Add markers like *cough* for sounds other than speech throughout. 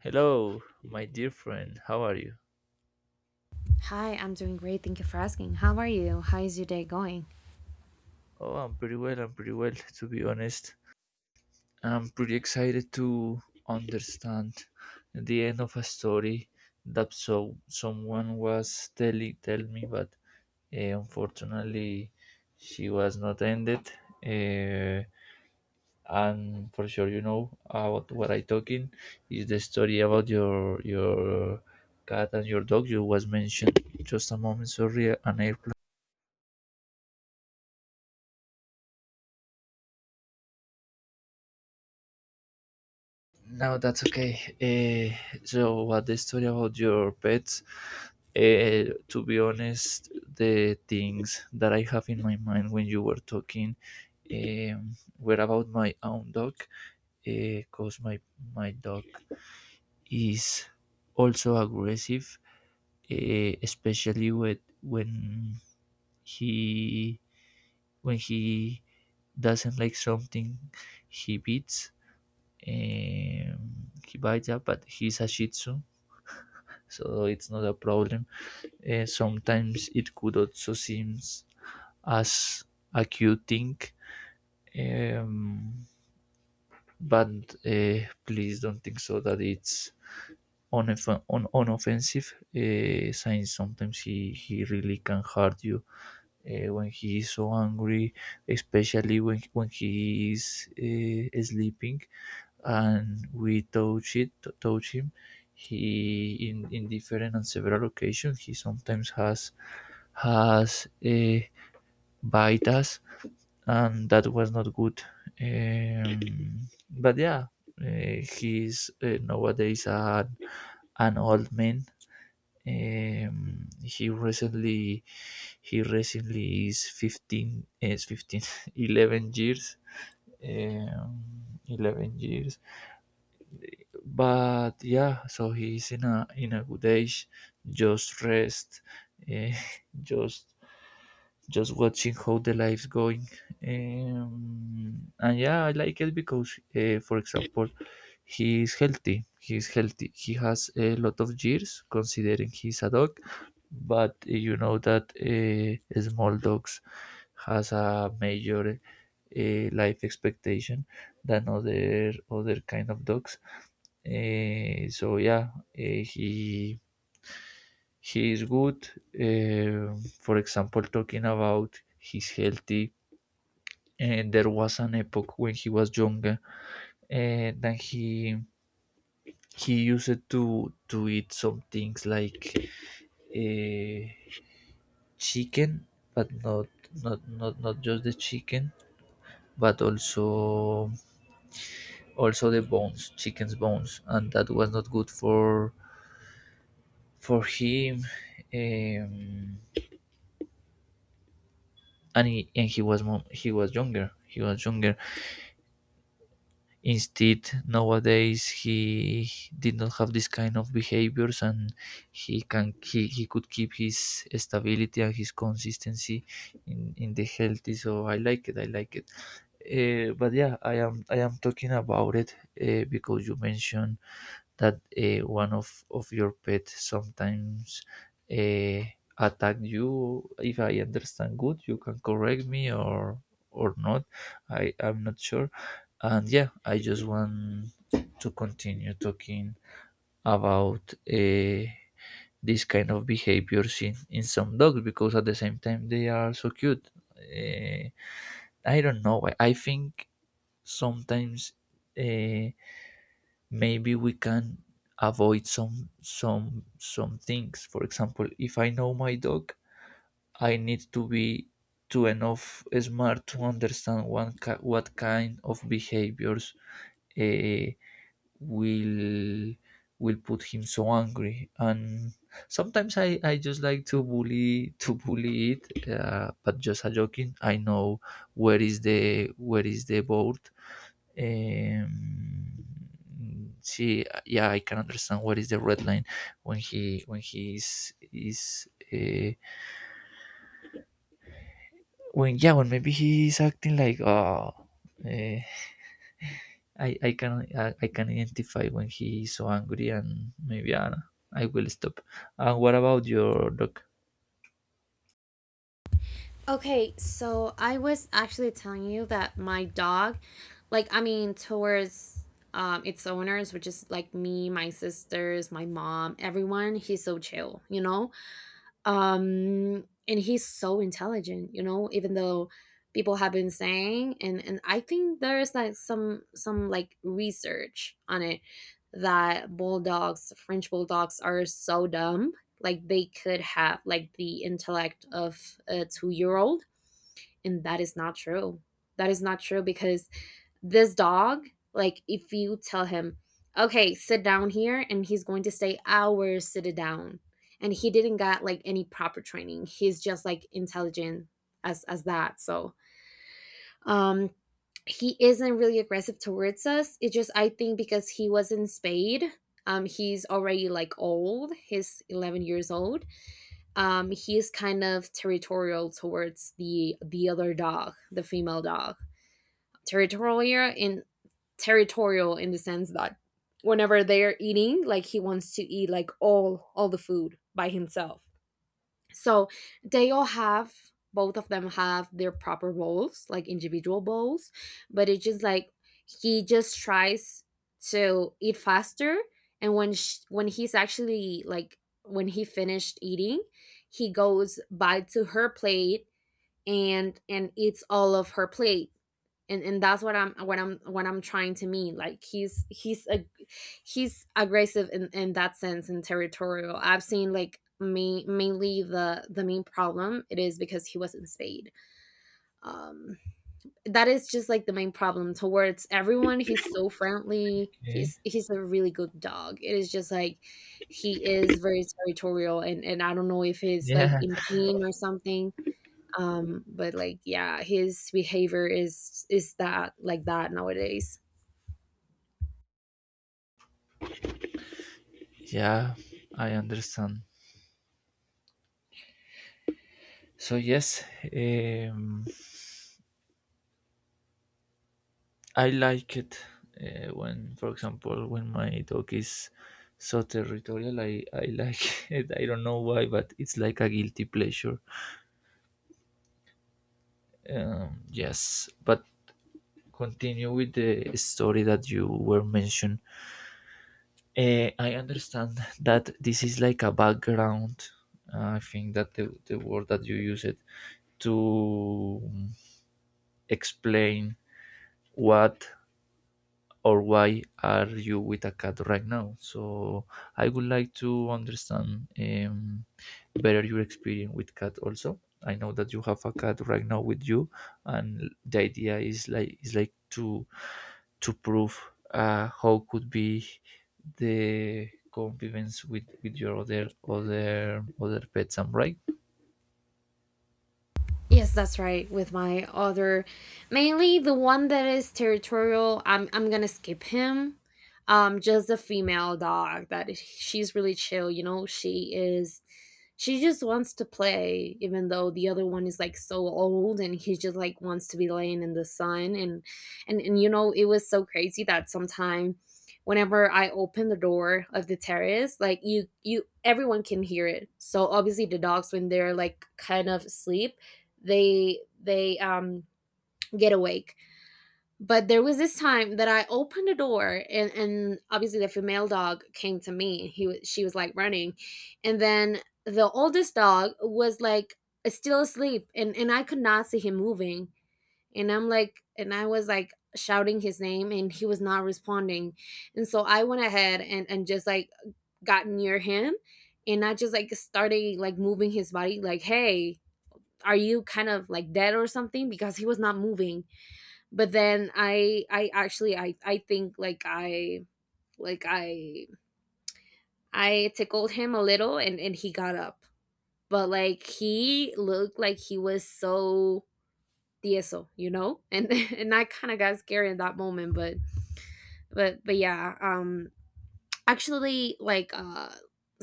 Hello, my dear friend. How are you? Hi, I'm doing great. Thank you for asking. How are you? How is your day going? Oh, I'm pretty well. I'm pretty well, *laughs* to be honest. I'm pretty excited to understand the end of a story that someone was telling tell me, but unfortunately, she was not ended. Uh, and for sure, you know about what I talking is the story about your cat and your dog you was mentioned just a moment. Sorry, an airplane. No, that's okay. Uh, so, what the story about your pets? To be honest, the things that I have in my mind when you were talking were about my own dog, because my dog is also aggressive, especially with he when he doesn't like something he beats um, he bites up but he's a shih tzu so it's not a problem. Sometimes it could also seem as a cute thing, um, but please don't think so that it's unoffensive, since sometimes he really can hurt you. When he is so angry, especially when he is sleeping, and we touch him, in different and several occasions he sometimes has bite us, and that was not good. But yeah, he's nowadays an old man. Um, he recently he recently is 15 is 15 *laughs* 11 years, um, 11 years, but yeah so he's in a good age, just rest, eh, *laughs* just just watching how the life's going. And yeah, I like it because, for example, he is healthy. He is healthy. He has a lot of years, considering he's a dog. But you know that small dogs has a major life expectation than other kind of dogs. So yeah, uh, he he is good. Um for example, talking about he's healthy, and there was an epoch when he was younger, and then he used to eat some things like uh, chicken, but not just the chicken, but also the bones, chicken's bones, and that was not good for him. um, and he was younger. Instead, nowadays he did not have this kind of behaviors, and he could keep his stability and his consistency in the healthy, so I like it. I like it. But yeah, I am talking about it because you mentioned that one of your pet sometimes uh, attack you. If I understand good, you can correct me, or not. I'm not sure. And yeah, I just want to continue talking about this kind of behaviors in some dogs because at the same time they are so cute. Uh, I don't know why. I think sometimes uh, maybe we can avoid some things. For example, if I know my dog, I need to be to enough smart to understand one ki what kind of behaviors eh, will will put him so angry. And sometimes I just like to bully it, but just a joking. I know where is the board. um, See, yeah, I can understand what is the red line. When he when he is is uh, when yeah, when maybe he is acting like, oh, uh, I can identify when he is so angry, and maybe I will stop. And what about your dog? Okay, so I was actually telling you that my dog, I mean, towards its owners, which is like me, my sisters, my mom, everyone, he's so chill, you know? And he's so intelligent, you know, even though people have been saying and I think there's like some like research on it that bulldogs, French bulldogs, are so dumb. Like they could have like the intellect of a two-year-old, and that is not true. That is not true because this dog, like if you tell him, okay, sit down here, and he's going to stay hours sitting down, and he didn't got like any proper training. He's just like intelligent as that. So um he isn't really aggressive towards us. It just I think because he was in Spade, he's already like old. He's 11 years old. He's kind of territorial towards the other dog, the female dog. Territorial in territorial in the sense that whenever they're eating, like he wants to eat like all the food by himself, so they all have both of them have their proper roles, like individual bowls. But it's just like he just tries to eat faster, and when he's actually like when he finished eating, he goes by to her plate and eats all of her plate. And and that's what I'm trying to mean, like he's a he's aggressive in that sense and territorial. I've seen, like, me mainly, the main problem it is because he wasn't spayed. um that is just like the main problem. Towards everyone he's so friendly, Okay. he's a really good dog. It is just like he is very territorial, and I don't know if *laughs* he's like yeah in pain or something. But like, yeah, his behavior is that like that nowadays. yeah I understand. So yes, um I like it when, for example, when my dog is so territorial. I like *laughs* it. I don't know why, but it's like a guilty pleasure. Yes, but continue with the story that you were mentioned. I understand *laughs* that this is like a background. I think that the word that you use it to explain what, or why are you with a cat right now? So I would like to understand, better your experience with cat also. I know that you have a cat right now with you, and the idea is like, to prove how could be the convivence with your other pets. I'm right. Yes, that's right. With my other, mainly the one that is territorial, I'm gonna skip him. Just the female dog, that she's really chill, you know. She is, she just wants to play, even though the other one is like so old, and he just like wants to be laying in the sun. And you know, it was so crazy that sometime whenever I open the door of the terrace, like you everyone can hear it. So obviously the dogs, when they're like kind of asleep, they get awake. But there was this time that I opened the door, and obviously the female dog came to me. He was She was like running. And then the oldest dog was like still asleep, and I could not see him moving. And I was like shouting his name, and he was not responding. And so I went ahead and just like got near him, and I just like started like moving his body, like, hey, are you kind of like dead or something, because he was not moving. But then I think like I I tickled him a little, and he got up. But like he looked like he was so tieso, you know. And *laughs* And I kind of got scared in that moment. But yeah. um actually like uh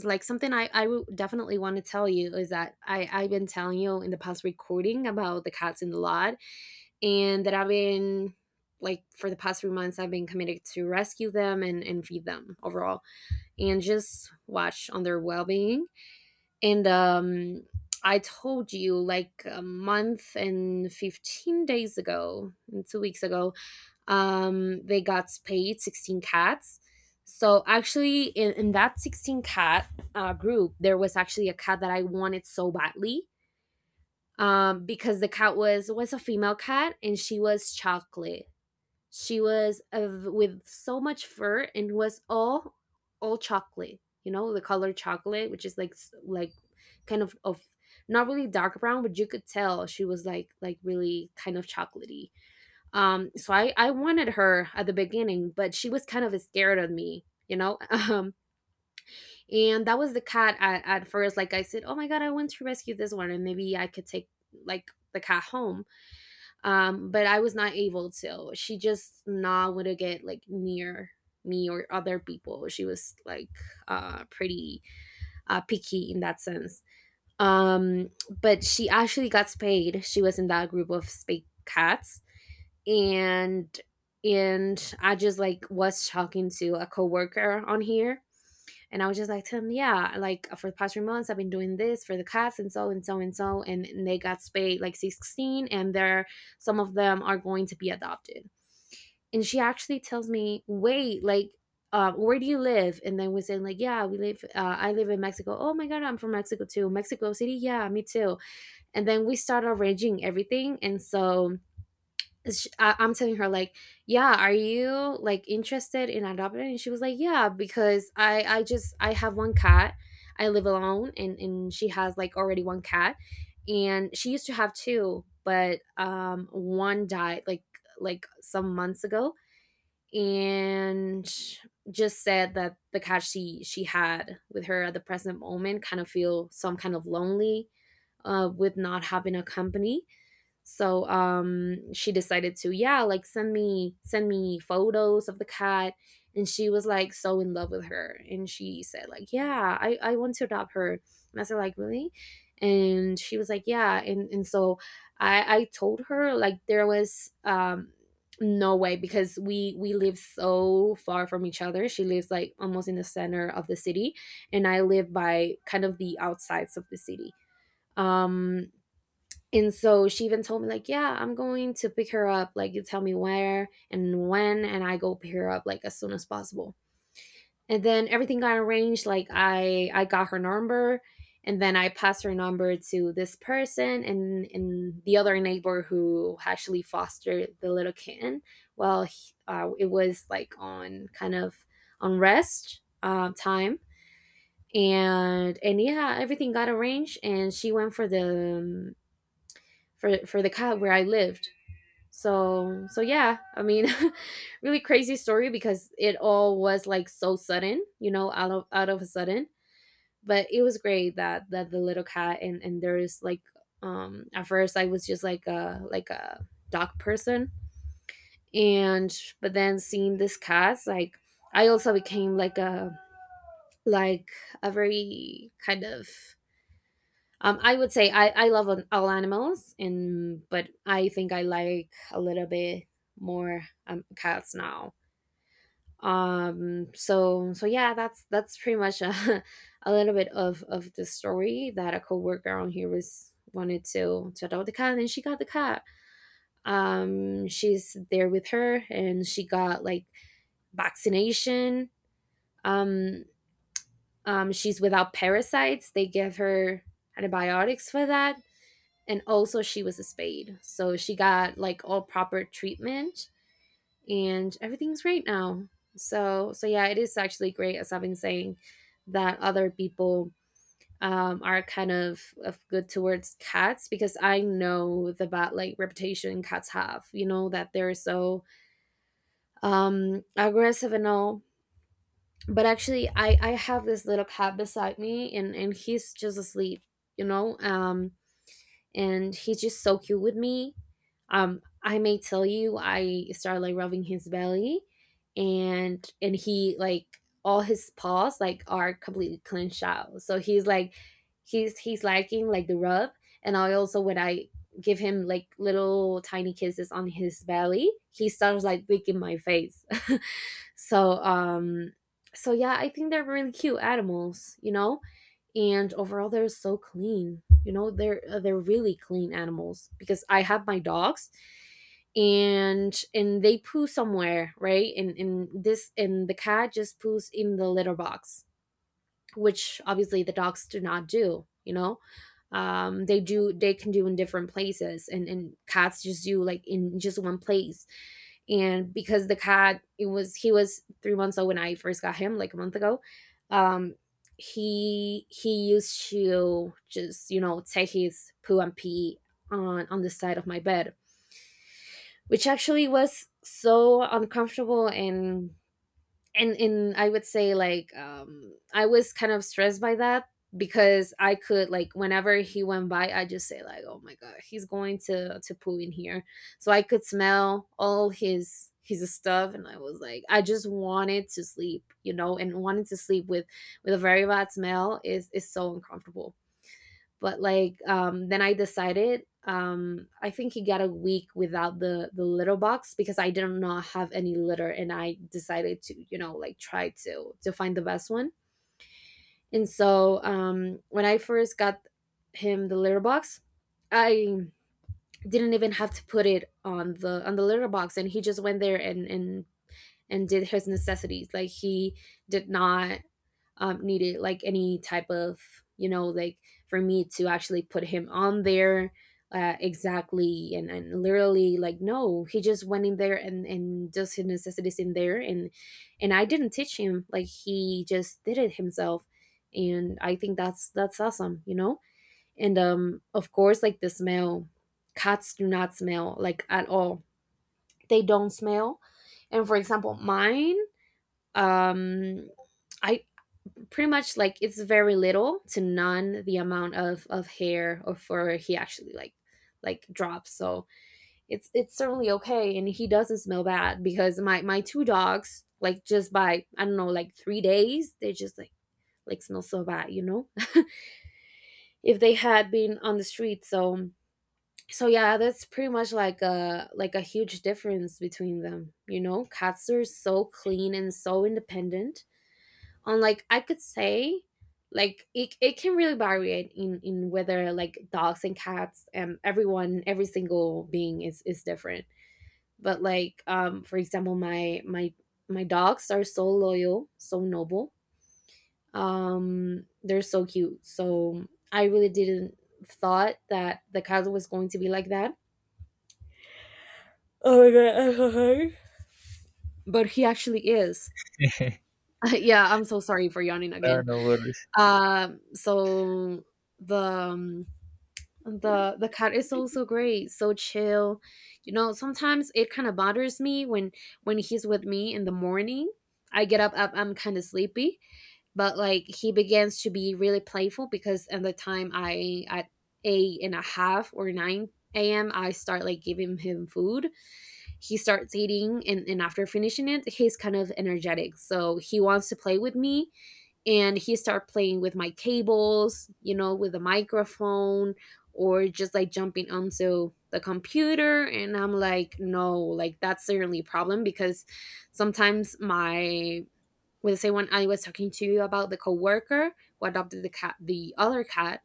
like something I would definitely want to tell you is that I, I've been telling you in the past recording about the cats in the lot, and that I've been like, for the past 3 months I've been committed to rescue them and feed them overall, and just watch on their well being. And I told you, like, a month and 15 days ago, and 2 weeks ago, they got spayed. 16 cats. So actually, in that 16 cat group, there was actually a cat that I wanted so badly, because the cat was a female cat, and she was chocolate. She was of, with so much fur, and was all chocolate. You know, the color chocolate, which is like like kind of not really dark brown, but you could tell she was like really kind of chocolatey. So I wanted her at the beginning, but she was kind of scared of me, you know. *laughs* And that was the cat at first. Like I said, oh my god, I want to rescue this one, and maybe I could take like the cat home. But I was not able to. She just not want to get like near me or other people. She was like pretty picky in that sense. um but she actually got spayed. She was in that group of spayed cats. And I just like was talking to a coworker on here, and I was just like to him, yeah, like, for the past 3 months, I've been doing this for the cats, and so and so and so. And they got spayed like 16, and they're, some of them are going to be adopted. And she actually tells me, wait, like, where do you live? And then we said, like, yeah, we live, I live in Mexico. Oh my God, I'm from Mexico too. Mexico City? Yeah, me too. And then we started arranging everything. And so I'm telling her, like, yeah, are you like interested in adopting? And she was like, yeah, because I just I have one cat. I live alone, and she has like already one cat, and she used to have two, but one died, like some months ago, and just said that the cat she had with her at the present moment kind of feel some kind of lonely, with not having a company. So she decided to, yeah, like send me photos of the cat, and she was like so in love with her, and she said like, yeah, I want to adopt her. And I said like, really? And she was like, yeah. And so I told her, like, there was no way, because we live so far from each other. She lives like almost in the center of the city, and I live by kind of the outsides of the city. um and so she even told me, like, yeah, I'm going to pick her up. Like, you tell me where and when, and I go pick her up like as soon as possible. And then everything got arranged. Like, I got her number, and then I passed her number to this person, and the other neighbor, who actually fostered the little kitten. Well, it was like on kind of on rest time. And yeah, everything got arranged, and she went for the, for the cat where I lived. So yeah, I mean, *laughs* really crazy story, because it all was like so sudden, you know, out of a sudden. But it was great that the little cat, and there is like, at first I was just like a dog person, and but then seeing this cat, like, I also became like a like a very kind of, I would say, I love all animals, and but I think I like a little bit more, cats now. So yeah, that's pretty much a, *laughs* a little bit of the story that a coworker on here was wanted to adopt the cat, and she got the cat. She's there with her, and she got like vaccination. Um, she's without parasites. They give her antibiotics for that, and also she was a spade, so she got like all proper treatment, and everything's great now. So yeah, it is actually great, as I've been saying, that other people are kind of good towards cats, because I know the bad like reputation cats have. You know that they're so, aggressive and all. But actually, I have this little cat beside me, and he's just asleep. You know, and he's just so cute with me. I may tell you, I started like rubbing his belly, and he like all his paws like are completely clenched out. So he's like, he's liking like the rub, and I also when I give him like little tiny kisses on his belly, he starts like licking my face. *laughs* so um, so yeah, I think they're really cute animals, and overall they're so clean. They're really clean animals because I have my dogs and they poo somewhere, right? And the cat just poos in the litter box, which obviously the dogs do not do you know They can do in different places, and cats just do, like, in just one place. And because the cat, it was he was 3 months old when I first got him, like a month ago. Um he he used to just, take his poo and pee on the side of my bed, which actually was so uncomfortable. And and in I would say, like, I was kind of stressed by that because I could, like, whenever he went by, I just say, like, oh my god, he's going to poo in here. So I could smell all his stuff, and I was like I just wanted to sleep, and wanting to sleep with a very bad smell is so uncomfortable. But, like, then I decided. I think he got a week without the litter box because I did not have any litter, and I decided to, like, try to find the best one. And so, when I first got him the litter box, I didn't even have to put it on the litter box, and he just went there and did his necessities. Like, he did not, needed, like, any type of, like, for me to actually put him on there. Exactly. And, literally, like, no, he just went in there and does his necessities in there. And I didn't teach him, like, he just did it himself. And I think that's awesome. And of course, like, the smell, cats do not smell, like, at all. They don't smell. And for example, mine, um I pretty much, like, it's very little to none the amount of hair or fur he actually, like drops, so it's certainly okay, and he doesn't smell bad because my two dogs, like, just by, I don't know, like, 3 days, they just, like smell so bad. *laughs* If they had been on the street. So, yeah, that's pretty much, like, a huge difference between them. Cats are so clean and so independent, on, like, I could say, like, it can really vary in whether, like, dogs and cats, and everyone, every single being is different. But, like, for example, my dogs are so loyal, so noble. They're so cute. So I really didn't thought that the cat was going to be like that. Oh my god, I'm so sorry. But he actually is. *laughs* *laughs* Yeah, I'm so sorry for yawning No, again. no worries. Um so the um, the the cat is also great, so chill. Sometimes it kind of bothers me when he's with me in the morning. I get up, I'm kind of sleepy, but, like, he begins to be really playful because at the time, I at eight and a half or 9 a.m., I start, like, giving him food. He starts eating, and after finishing it, he's kind of energetic, so he wants to play with me. And he started playing with my cables, with the microphone, or just, like, jumping onto the computer, and I'm like, no, like, that's certainly a problem because sometimes, my with say when I was talking to you about the coworker who adopted the other cat,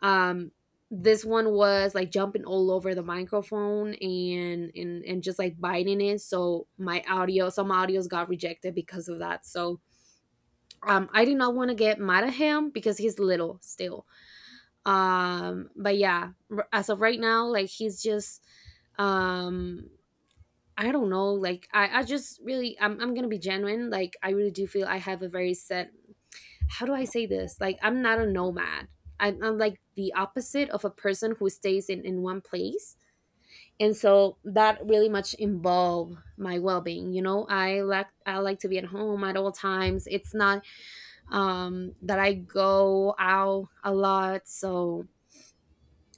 um this one was, like, jumping all over the microphone, and just, like, biting it, so my audio some audios got rejected because of that so I did not want to get mad at him because he's little still. But yeah, as of right now, like, he's just, um I don't know, like, I just really, I'm gonna be genuine, like, I really do feel I have a very set— how do I say this? Like, I'm not a nomad, I'm like the opposite of a person who stays in one place. And so that really much involve my well-being. I like to be at home at all times. It's not, that I go out a lot. So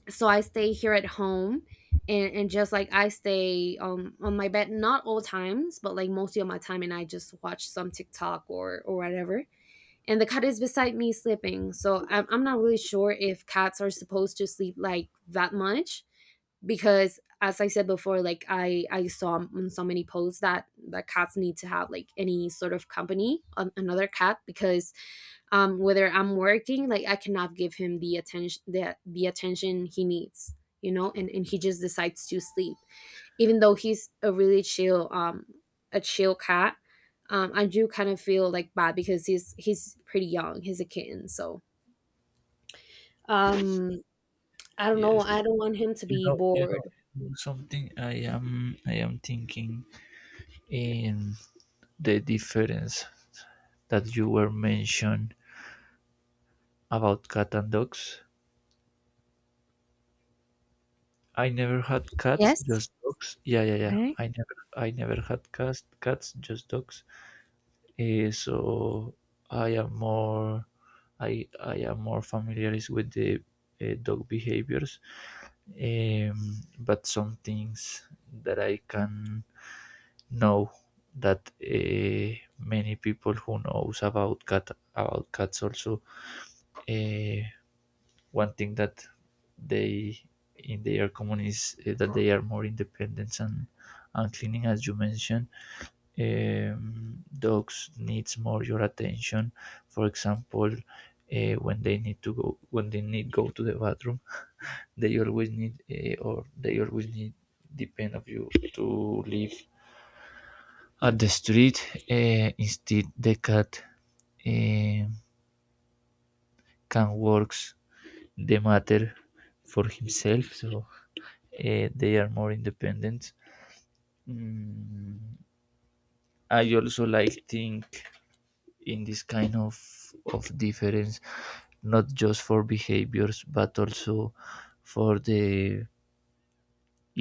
so I stay here at home, and just, like, I stay, on my bed, not all times, but, like, mostly of my time, and I just watch some TikTok, or whatever. And the cat is beside me sleeping. So I'm not really sure if cats are supposed to sleep like that much because, as I said before, like, I saw on so many posts that cats need to have, like, any sort of company, another cat because, whether I'm working, like, I cannot give him the attention, the attention he needs. And he just decides to sleep, even though he's a really chill cat. I do kind of feel, like, bad because he's pretty young, he's a kitten, so. um I don't know, Yes, I don't want him to you be know, you know, bored. something I am thinking. Um, the difference that you were mentioned about cat and dogs. I never had cats, Yes. just dogs. Yeah, yeah, yeah. Okay. I never, had cats, just dogs. So I am more, I am more familiar is with the dog behaviors, but some things that I can know that many people who knows about cats also, uh, one thing that they in their common, that they are more independent and cleaning, as you mentioned. Dogs needs more your attention. For example, when they need to go, when they need go to the bathroom, they always need, depend of you to live at the street. Instead, the cat, uh, can works the matter for himself, so they are more independent. Mm, I also like think in this kind of difference, not just for behaviors, but also for the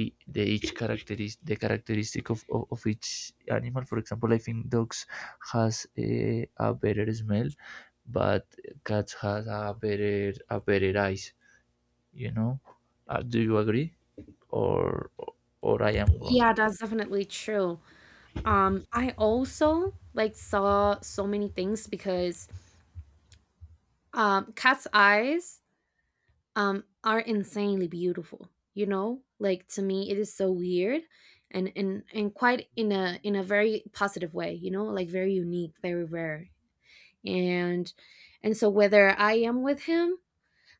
e- the each characteristic, the characteristic of each animal. For example, I think dogs has a, better smell, but cats has a better eyes. You know, do you agree, or I am wrong? Yeah, that's definitely true. I also, like, saw so many things because, cat's eyes, are insanely beautiful, you know? Like, to me, it is so weird, and quite, in a very positive way, you know? Like, very unique, very rare. And and so, whether I am with him,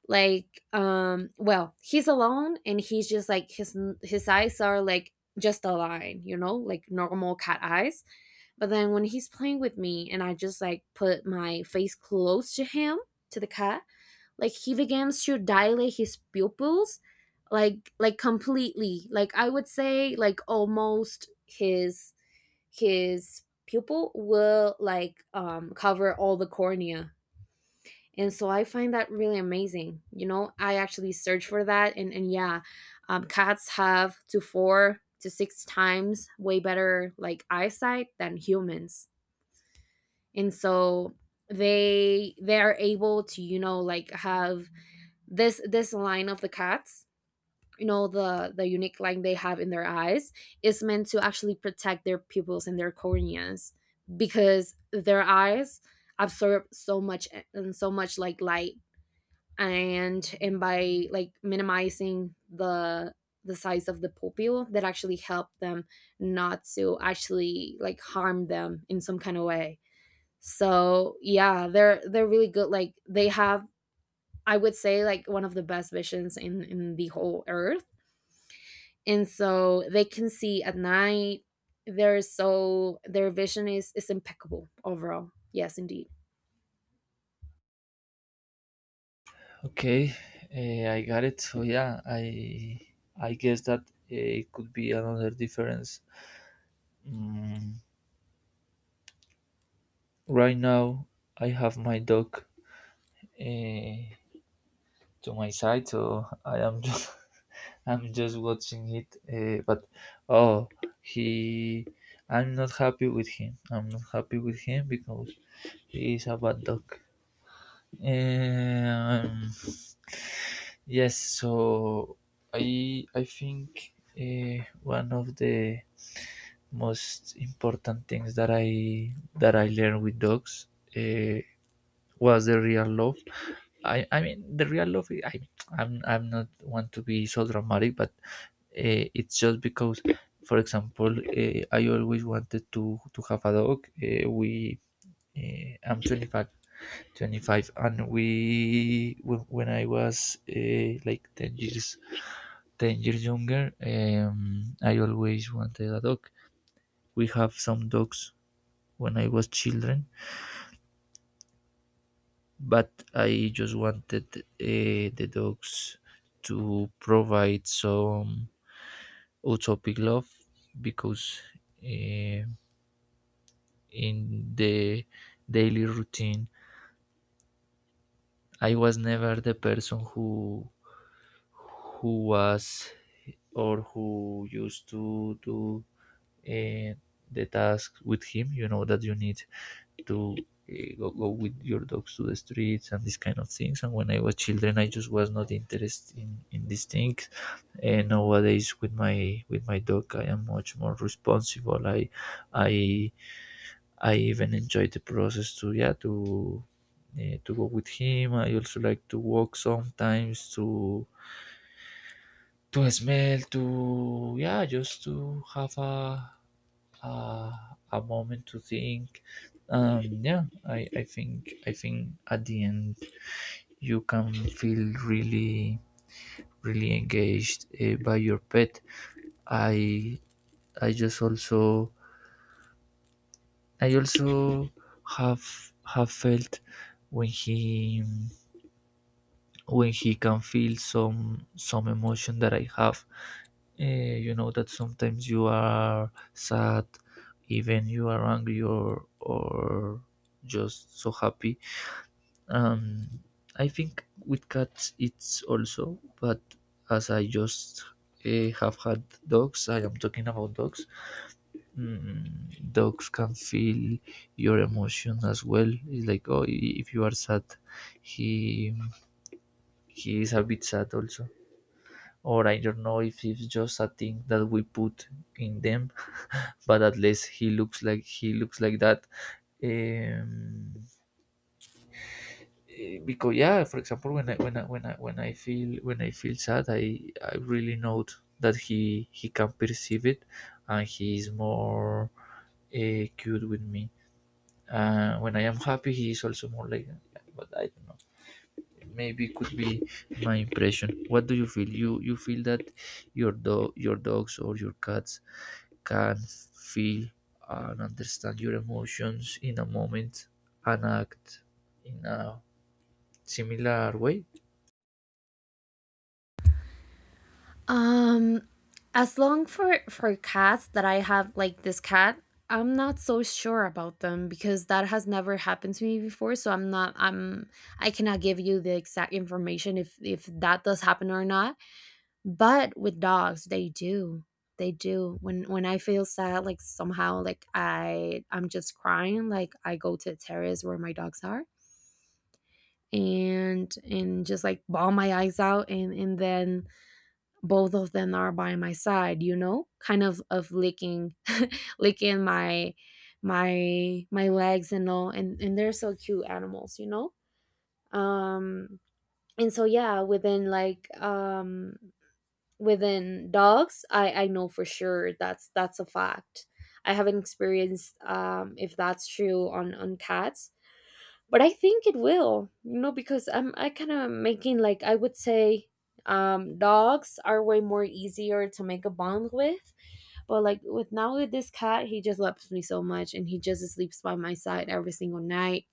like, well, he's alone, and he's just, like, his eyes are, like, just a line, you know, like normal cat eyes. But then when he's playing with me, and I just, like, put my face close to him, to the cat, like, he begins to dilate his pupils, like completely, like, I would say, like, almost, his pupil will, like, cover all the cornea. And so I find that really amazing. I actually search for that, and yeah, cats have to 4 to 6 times way better, like, eyesight than humans. And so they are able to, like, have this line of the cats. The unique line they have in their eyes is meant to actually protect their pupils and their corneas because their eyes absorb so much, and so much, like, light, and by, like, minimizing the size of the pupil, that actually help them not to actually, like, harm them in some kind of way. So, yeah, they're really good, like they have, I would say, like, one of the best visions in the whole earth. And so they can see at night, they're so their vision is impeccable overall, yes, indeed. Okay, I got it. So yeah, I guess that it could be another difference. Mm, right now, I have my dog uh, to my side, so I am *laughs* just I'm just watching it. But oh, he I'm not happy with him. I'm not happy with him because he is a bad dog. Eh, Um, Yes, so I think one of the most important things that I learned with dogs, uh, was the real love. I mean the real love. I'm not want to be so dramatic, but it's just because, for example, I always wanted to have a dog. We I'm 25, and we when I was like 10 years, 10 years younger, I always wanted a dog. We have some dogs when I was children, but I just wanted the dogs to provide some utopic love because uh, in the daily routine, I was never the person who was, or who used to do uh, the task with him. You know that you need to go, with your dogs to the streets and these kind of things. And when I was children, I just was not interested in these things. And nowadays with my dog, I am much more responsible. I I even enjoy the process to, yeah, to go with him. I also like to walk sometimes, to smell, to yeah, just to have a uh, moment to think. Yeah, I think I think at the end you can feel really really engaged by your pet. I I just also I also have felt when he, when he can feel some emotion that I have. Uh, you know that sometimes you are sad, even you are angry, or just so happy. Um, I think with cats it's also, but as I just have had dogs, I am talking about dogs. Mm, dogs can feel your emotion as well. It's like, oh, if you are sad, he he is a bit sad also. Or I don't know if it's just a thing that we put in them, but at least he looks like, that. Um, because yeah, for example, when I when I when I when I feel when I feel sad, I really note that he can perceive it, and he is more cute with me. When I am happy, he is also more like, but I don't know, maybe could be my impression. What do you feel? You, feel that your dogs or your cats can feel and understand your emotions in a moment and act in a similar way? Um, as long for cats that I have, like this cat, I'm not so sure about them because that has never happened to me before. So I'm not. I cannot give you the exact information if that does happen or not. But with dogs, they do. They do. When I feel sad, like somehow, like, I'm just crying. Like, I go to the terrace where my dogs are, and just, like, bawl my eyes out, and then both of them are by my side, kind of licking *laughs* licking my legs and all, and they're so cute animals. um and so, yeah, within, like, within dogs, I know for sure that's a fact. I haven't experienced, if that's true on cats, but I think it will, because I kind of making, like, I would say, dogs are way more easier to make a bond with, but, like, with this cat, he just loves me so much, and he just sleeps by my side every single night.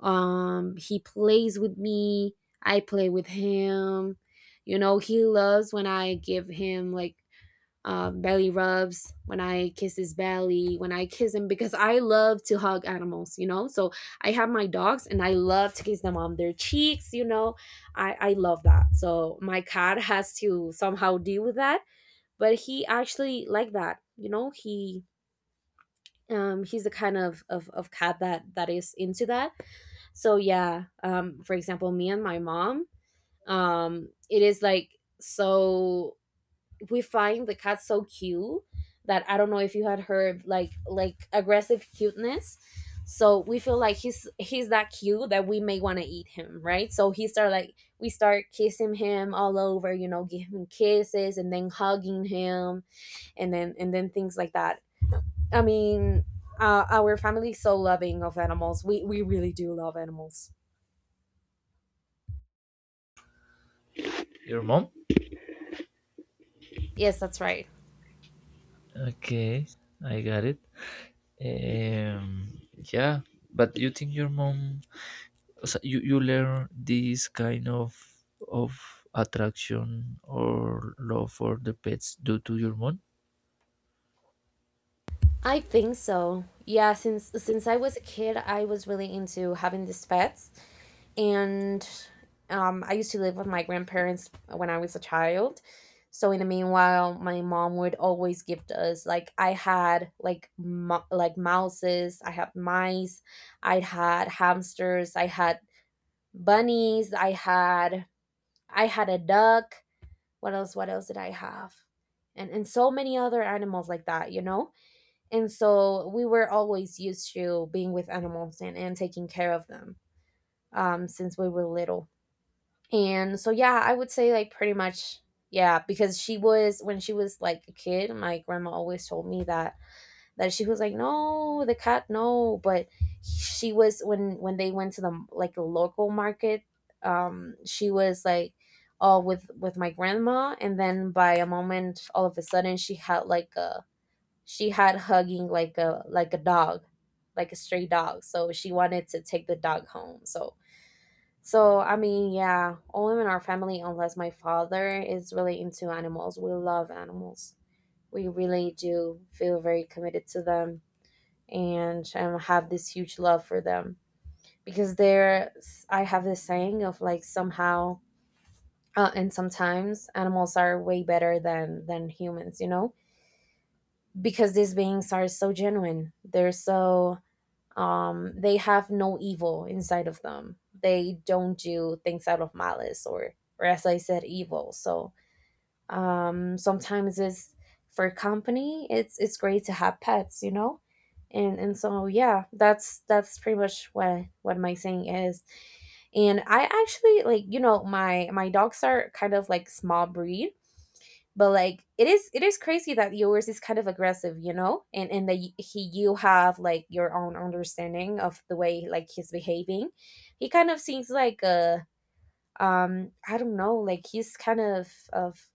He plays with me, I play with him. He loves when I give him, like, belly rubs, when I kiss his belly, when I kiss him, because I love to hug animals, you know? So I have my dogs, and I love to kiss them on their cheeks, you know? I love that. So my cat has to somehow deal with that, but he actually like that, you know? He's the kind of cat that is into that. So, yeah, for example, me and my mom, it is, like, so— we find the cat so cute that— I don't know if you had heard, like, aggressive cuteness. So we feel like he's that cute that we may want to eat him, right? So he start like we start kissing him all over, you know, giving kisses and then hugging him and then things like that. I mean, our family's so loving of animals. We really do love animals. Your mom? Yes, that's right. Okay, I got it. Um, yeah, but you think your mom, so you, learn this kind of attraction or love for the pets due to your mom? I think so. Yeah, since I was a kid, I was really into having these pets. And I used to live with my grandparents when I was a child. So in the meanwhile, my mom would always give us like I had like like mouses, I had mice, I had hamsters, I had bunnies, I had a duck. What else? What else did I have? And so many other animals like that, you know. And so we were always used to being with animals and taking care of them since we were little. And so yeah, I would say like pretty much yeah, because she was when she was like a kid, my grandma always told me that that she was like, "No, the cat no." But she was when they went to the like the local market, she was like all with my grandma and then by a moment all of a sudden she had like a she had hugging like a dog, like a stray dog. So she wanted to take the dog home. So so, I mean, yeah, only in our family, unless my father is really into animals. We love animals. We really do feel very committed to them and have this huge love for them because they're, I have this saying of like somehow. And sometimes animals are way better than humans, you know, because these beings are so genuine, they're so they have no evil inside of them. They don't do things out of malice or as I said evil. So sometimes it's for company, it's great to have pets, you know. And so yeah, that's pretty much what my saying is. And I actually like, you know, my dogs are kind of like small breed, but like it is crazy that yours is kind of aggressive, you know, and that he you have like your own understanding of the way like he's behaving. He kind of seems like a I don't know, like he's kind of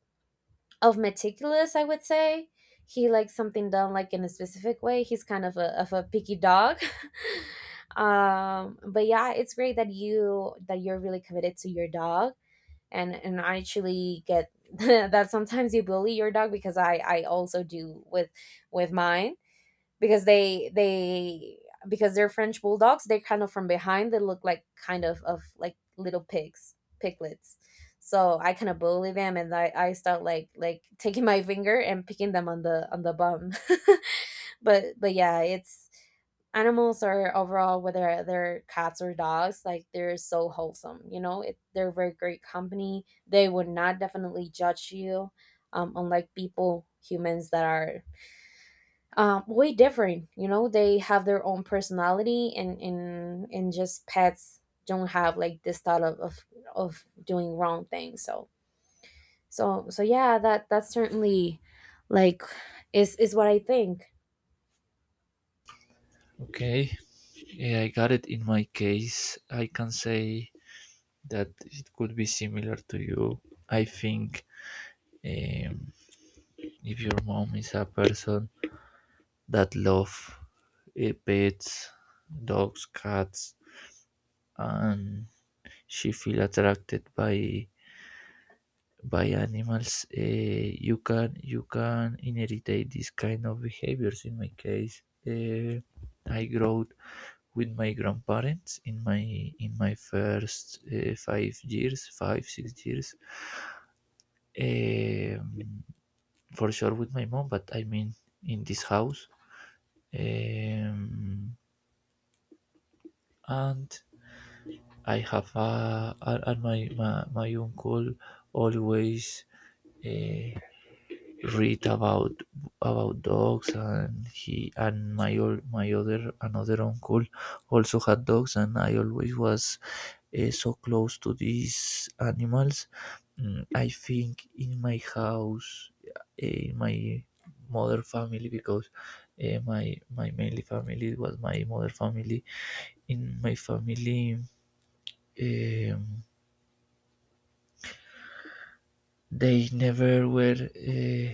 of meticulous, I would say. He likes something done like in a specific way. He's kind of a picky dog. *laughs* But yeah, it's great that you that you're really committed to your dog. And I actually get *laughs* that sometimes you bully your dog because I also do with mine, because they, because they're French bulldogs, they're kind of from behind, they look like kind of like little pigs, piglets. So I kind of bully them and I start like taking my finger and picking them on the bum. *laughs* But yeah, it's animals are overall whether they're cats or dogs, like they're so wholesome, you know it, they're very great company. They would not definitely judge you, unlike people, humans, that are way different, you know. They have their own personality and just pets don't have like this thought of of doing wrong things. So so so yeah, that that's certainly like is what I think. Okay, yeah, I got it. In my case, I can say that it could be similar to you. I think, um, if your mom is a person that love pets, dogs, cats, and she feel attracted by animals, you can, inherit this kind of behaviors. In my case, I grew with my grandparents in my first 5 years, 5, 6 years. Um, for sure with my mom, but I mean in this house, um, and I have a, and my my uncle always uh, read about dogs, and he, and my my other, another uncle also had dogs, and I always was so close to these animals. Mm, I think in my house, in my mother family, because my mainly family was my mother family. In my family, um, they never were,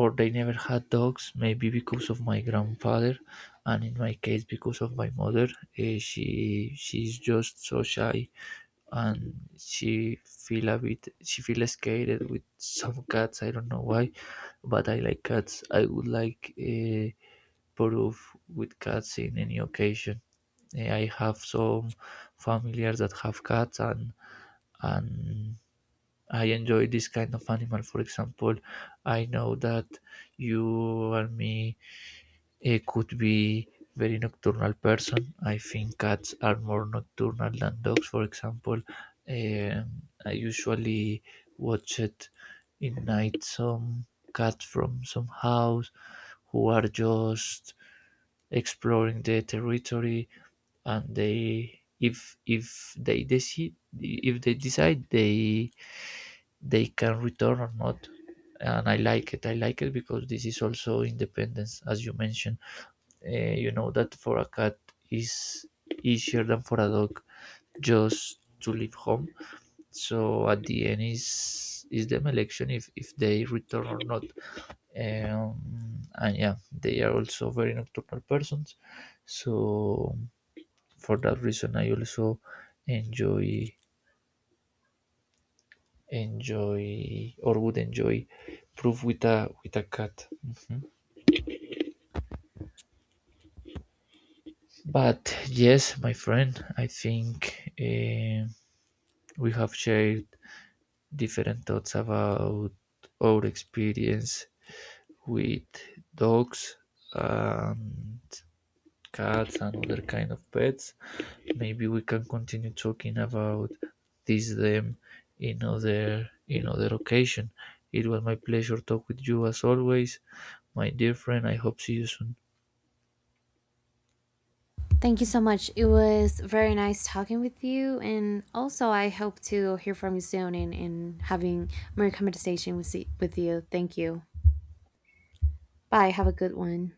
or they never had dogs, maybe because of my grandfather, and in my case because of my mother. She, she's just so shy, and she feel a bit, she feel scared with some cats. I don't know why, but I like cats. I would like a proof with cats in any occasion. I have some familiars that have cats, and and I enjoy this kind of animal. For example, I know that you and me, could be very nocturnal person. I think cats are more nocturnal than dogs. For example, um, I usually watch it in night some cats from some house who are just exploring the territory, and they, if, if they decide, they can return or not, and I like it. I like it because this is also independence, as you mentioned. Uh, you know that for a cat is easier than for a dog just to leave home. So at the end is, them election if, they return or not. And yeah, they are also very nocturnal persons. So for that reason, I also enjoy enjoy, or would enjoy, proof with a, cat. Mhm. But yes, my friend, I think, we have shared different thoughts about our experience with dogs and cats and other kind of pets. Maybe we can continue talking about this them in other, occasion. It was my pleasure to talk with you as always, my dear friend. I hope see you soon. Thank you so much. It was very nice talking with you. And also, I hope to hear from you soon and having more conversation with you. Thank you. Bye. Have a good one.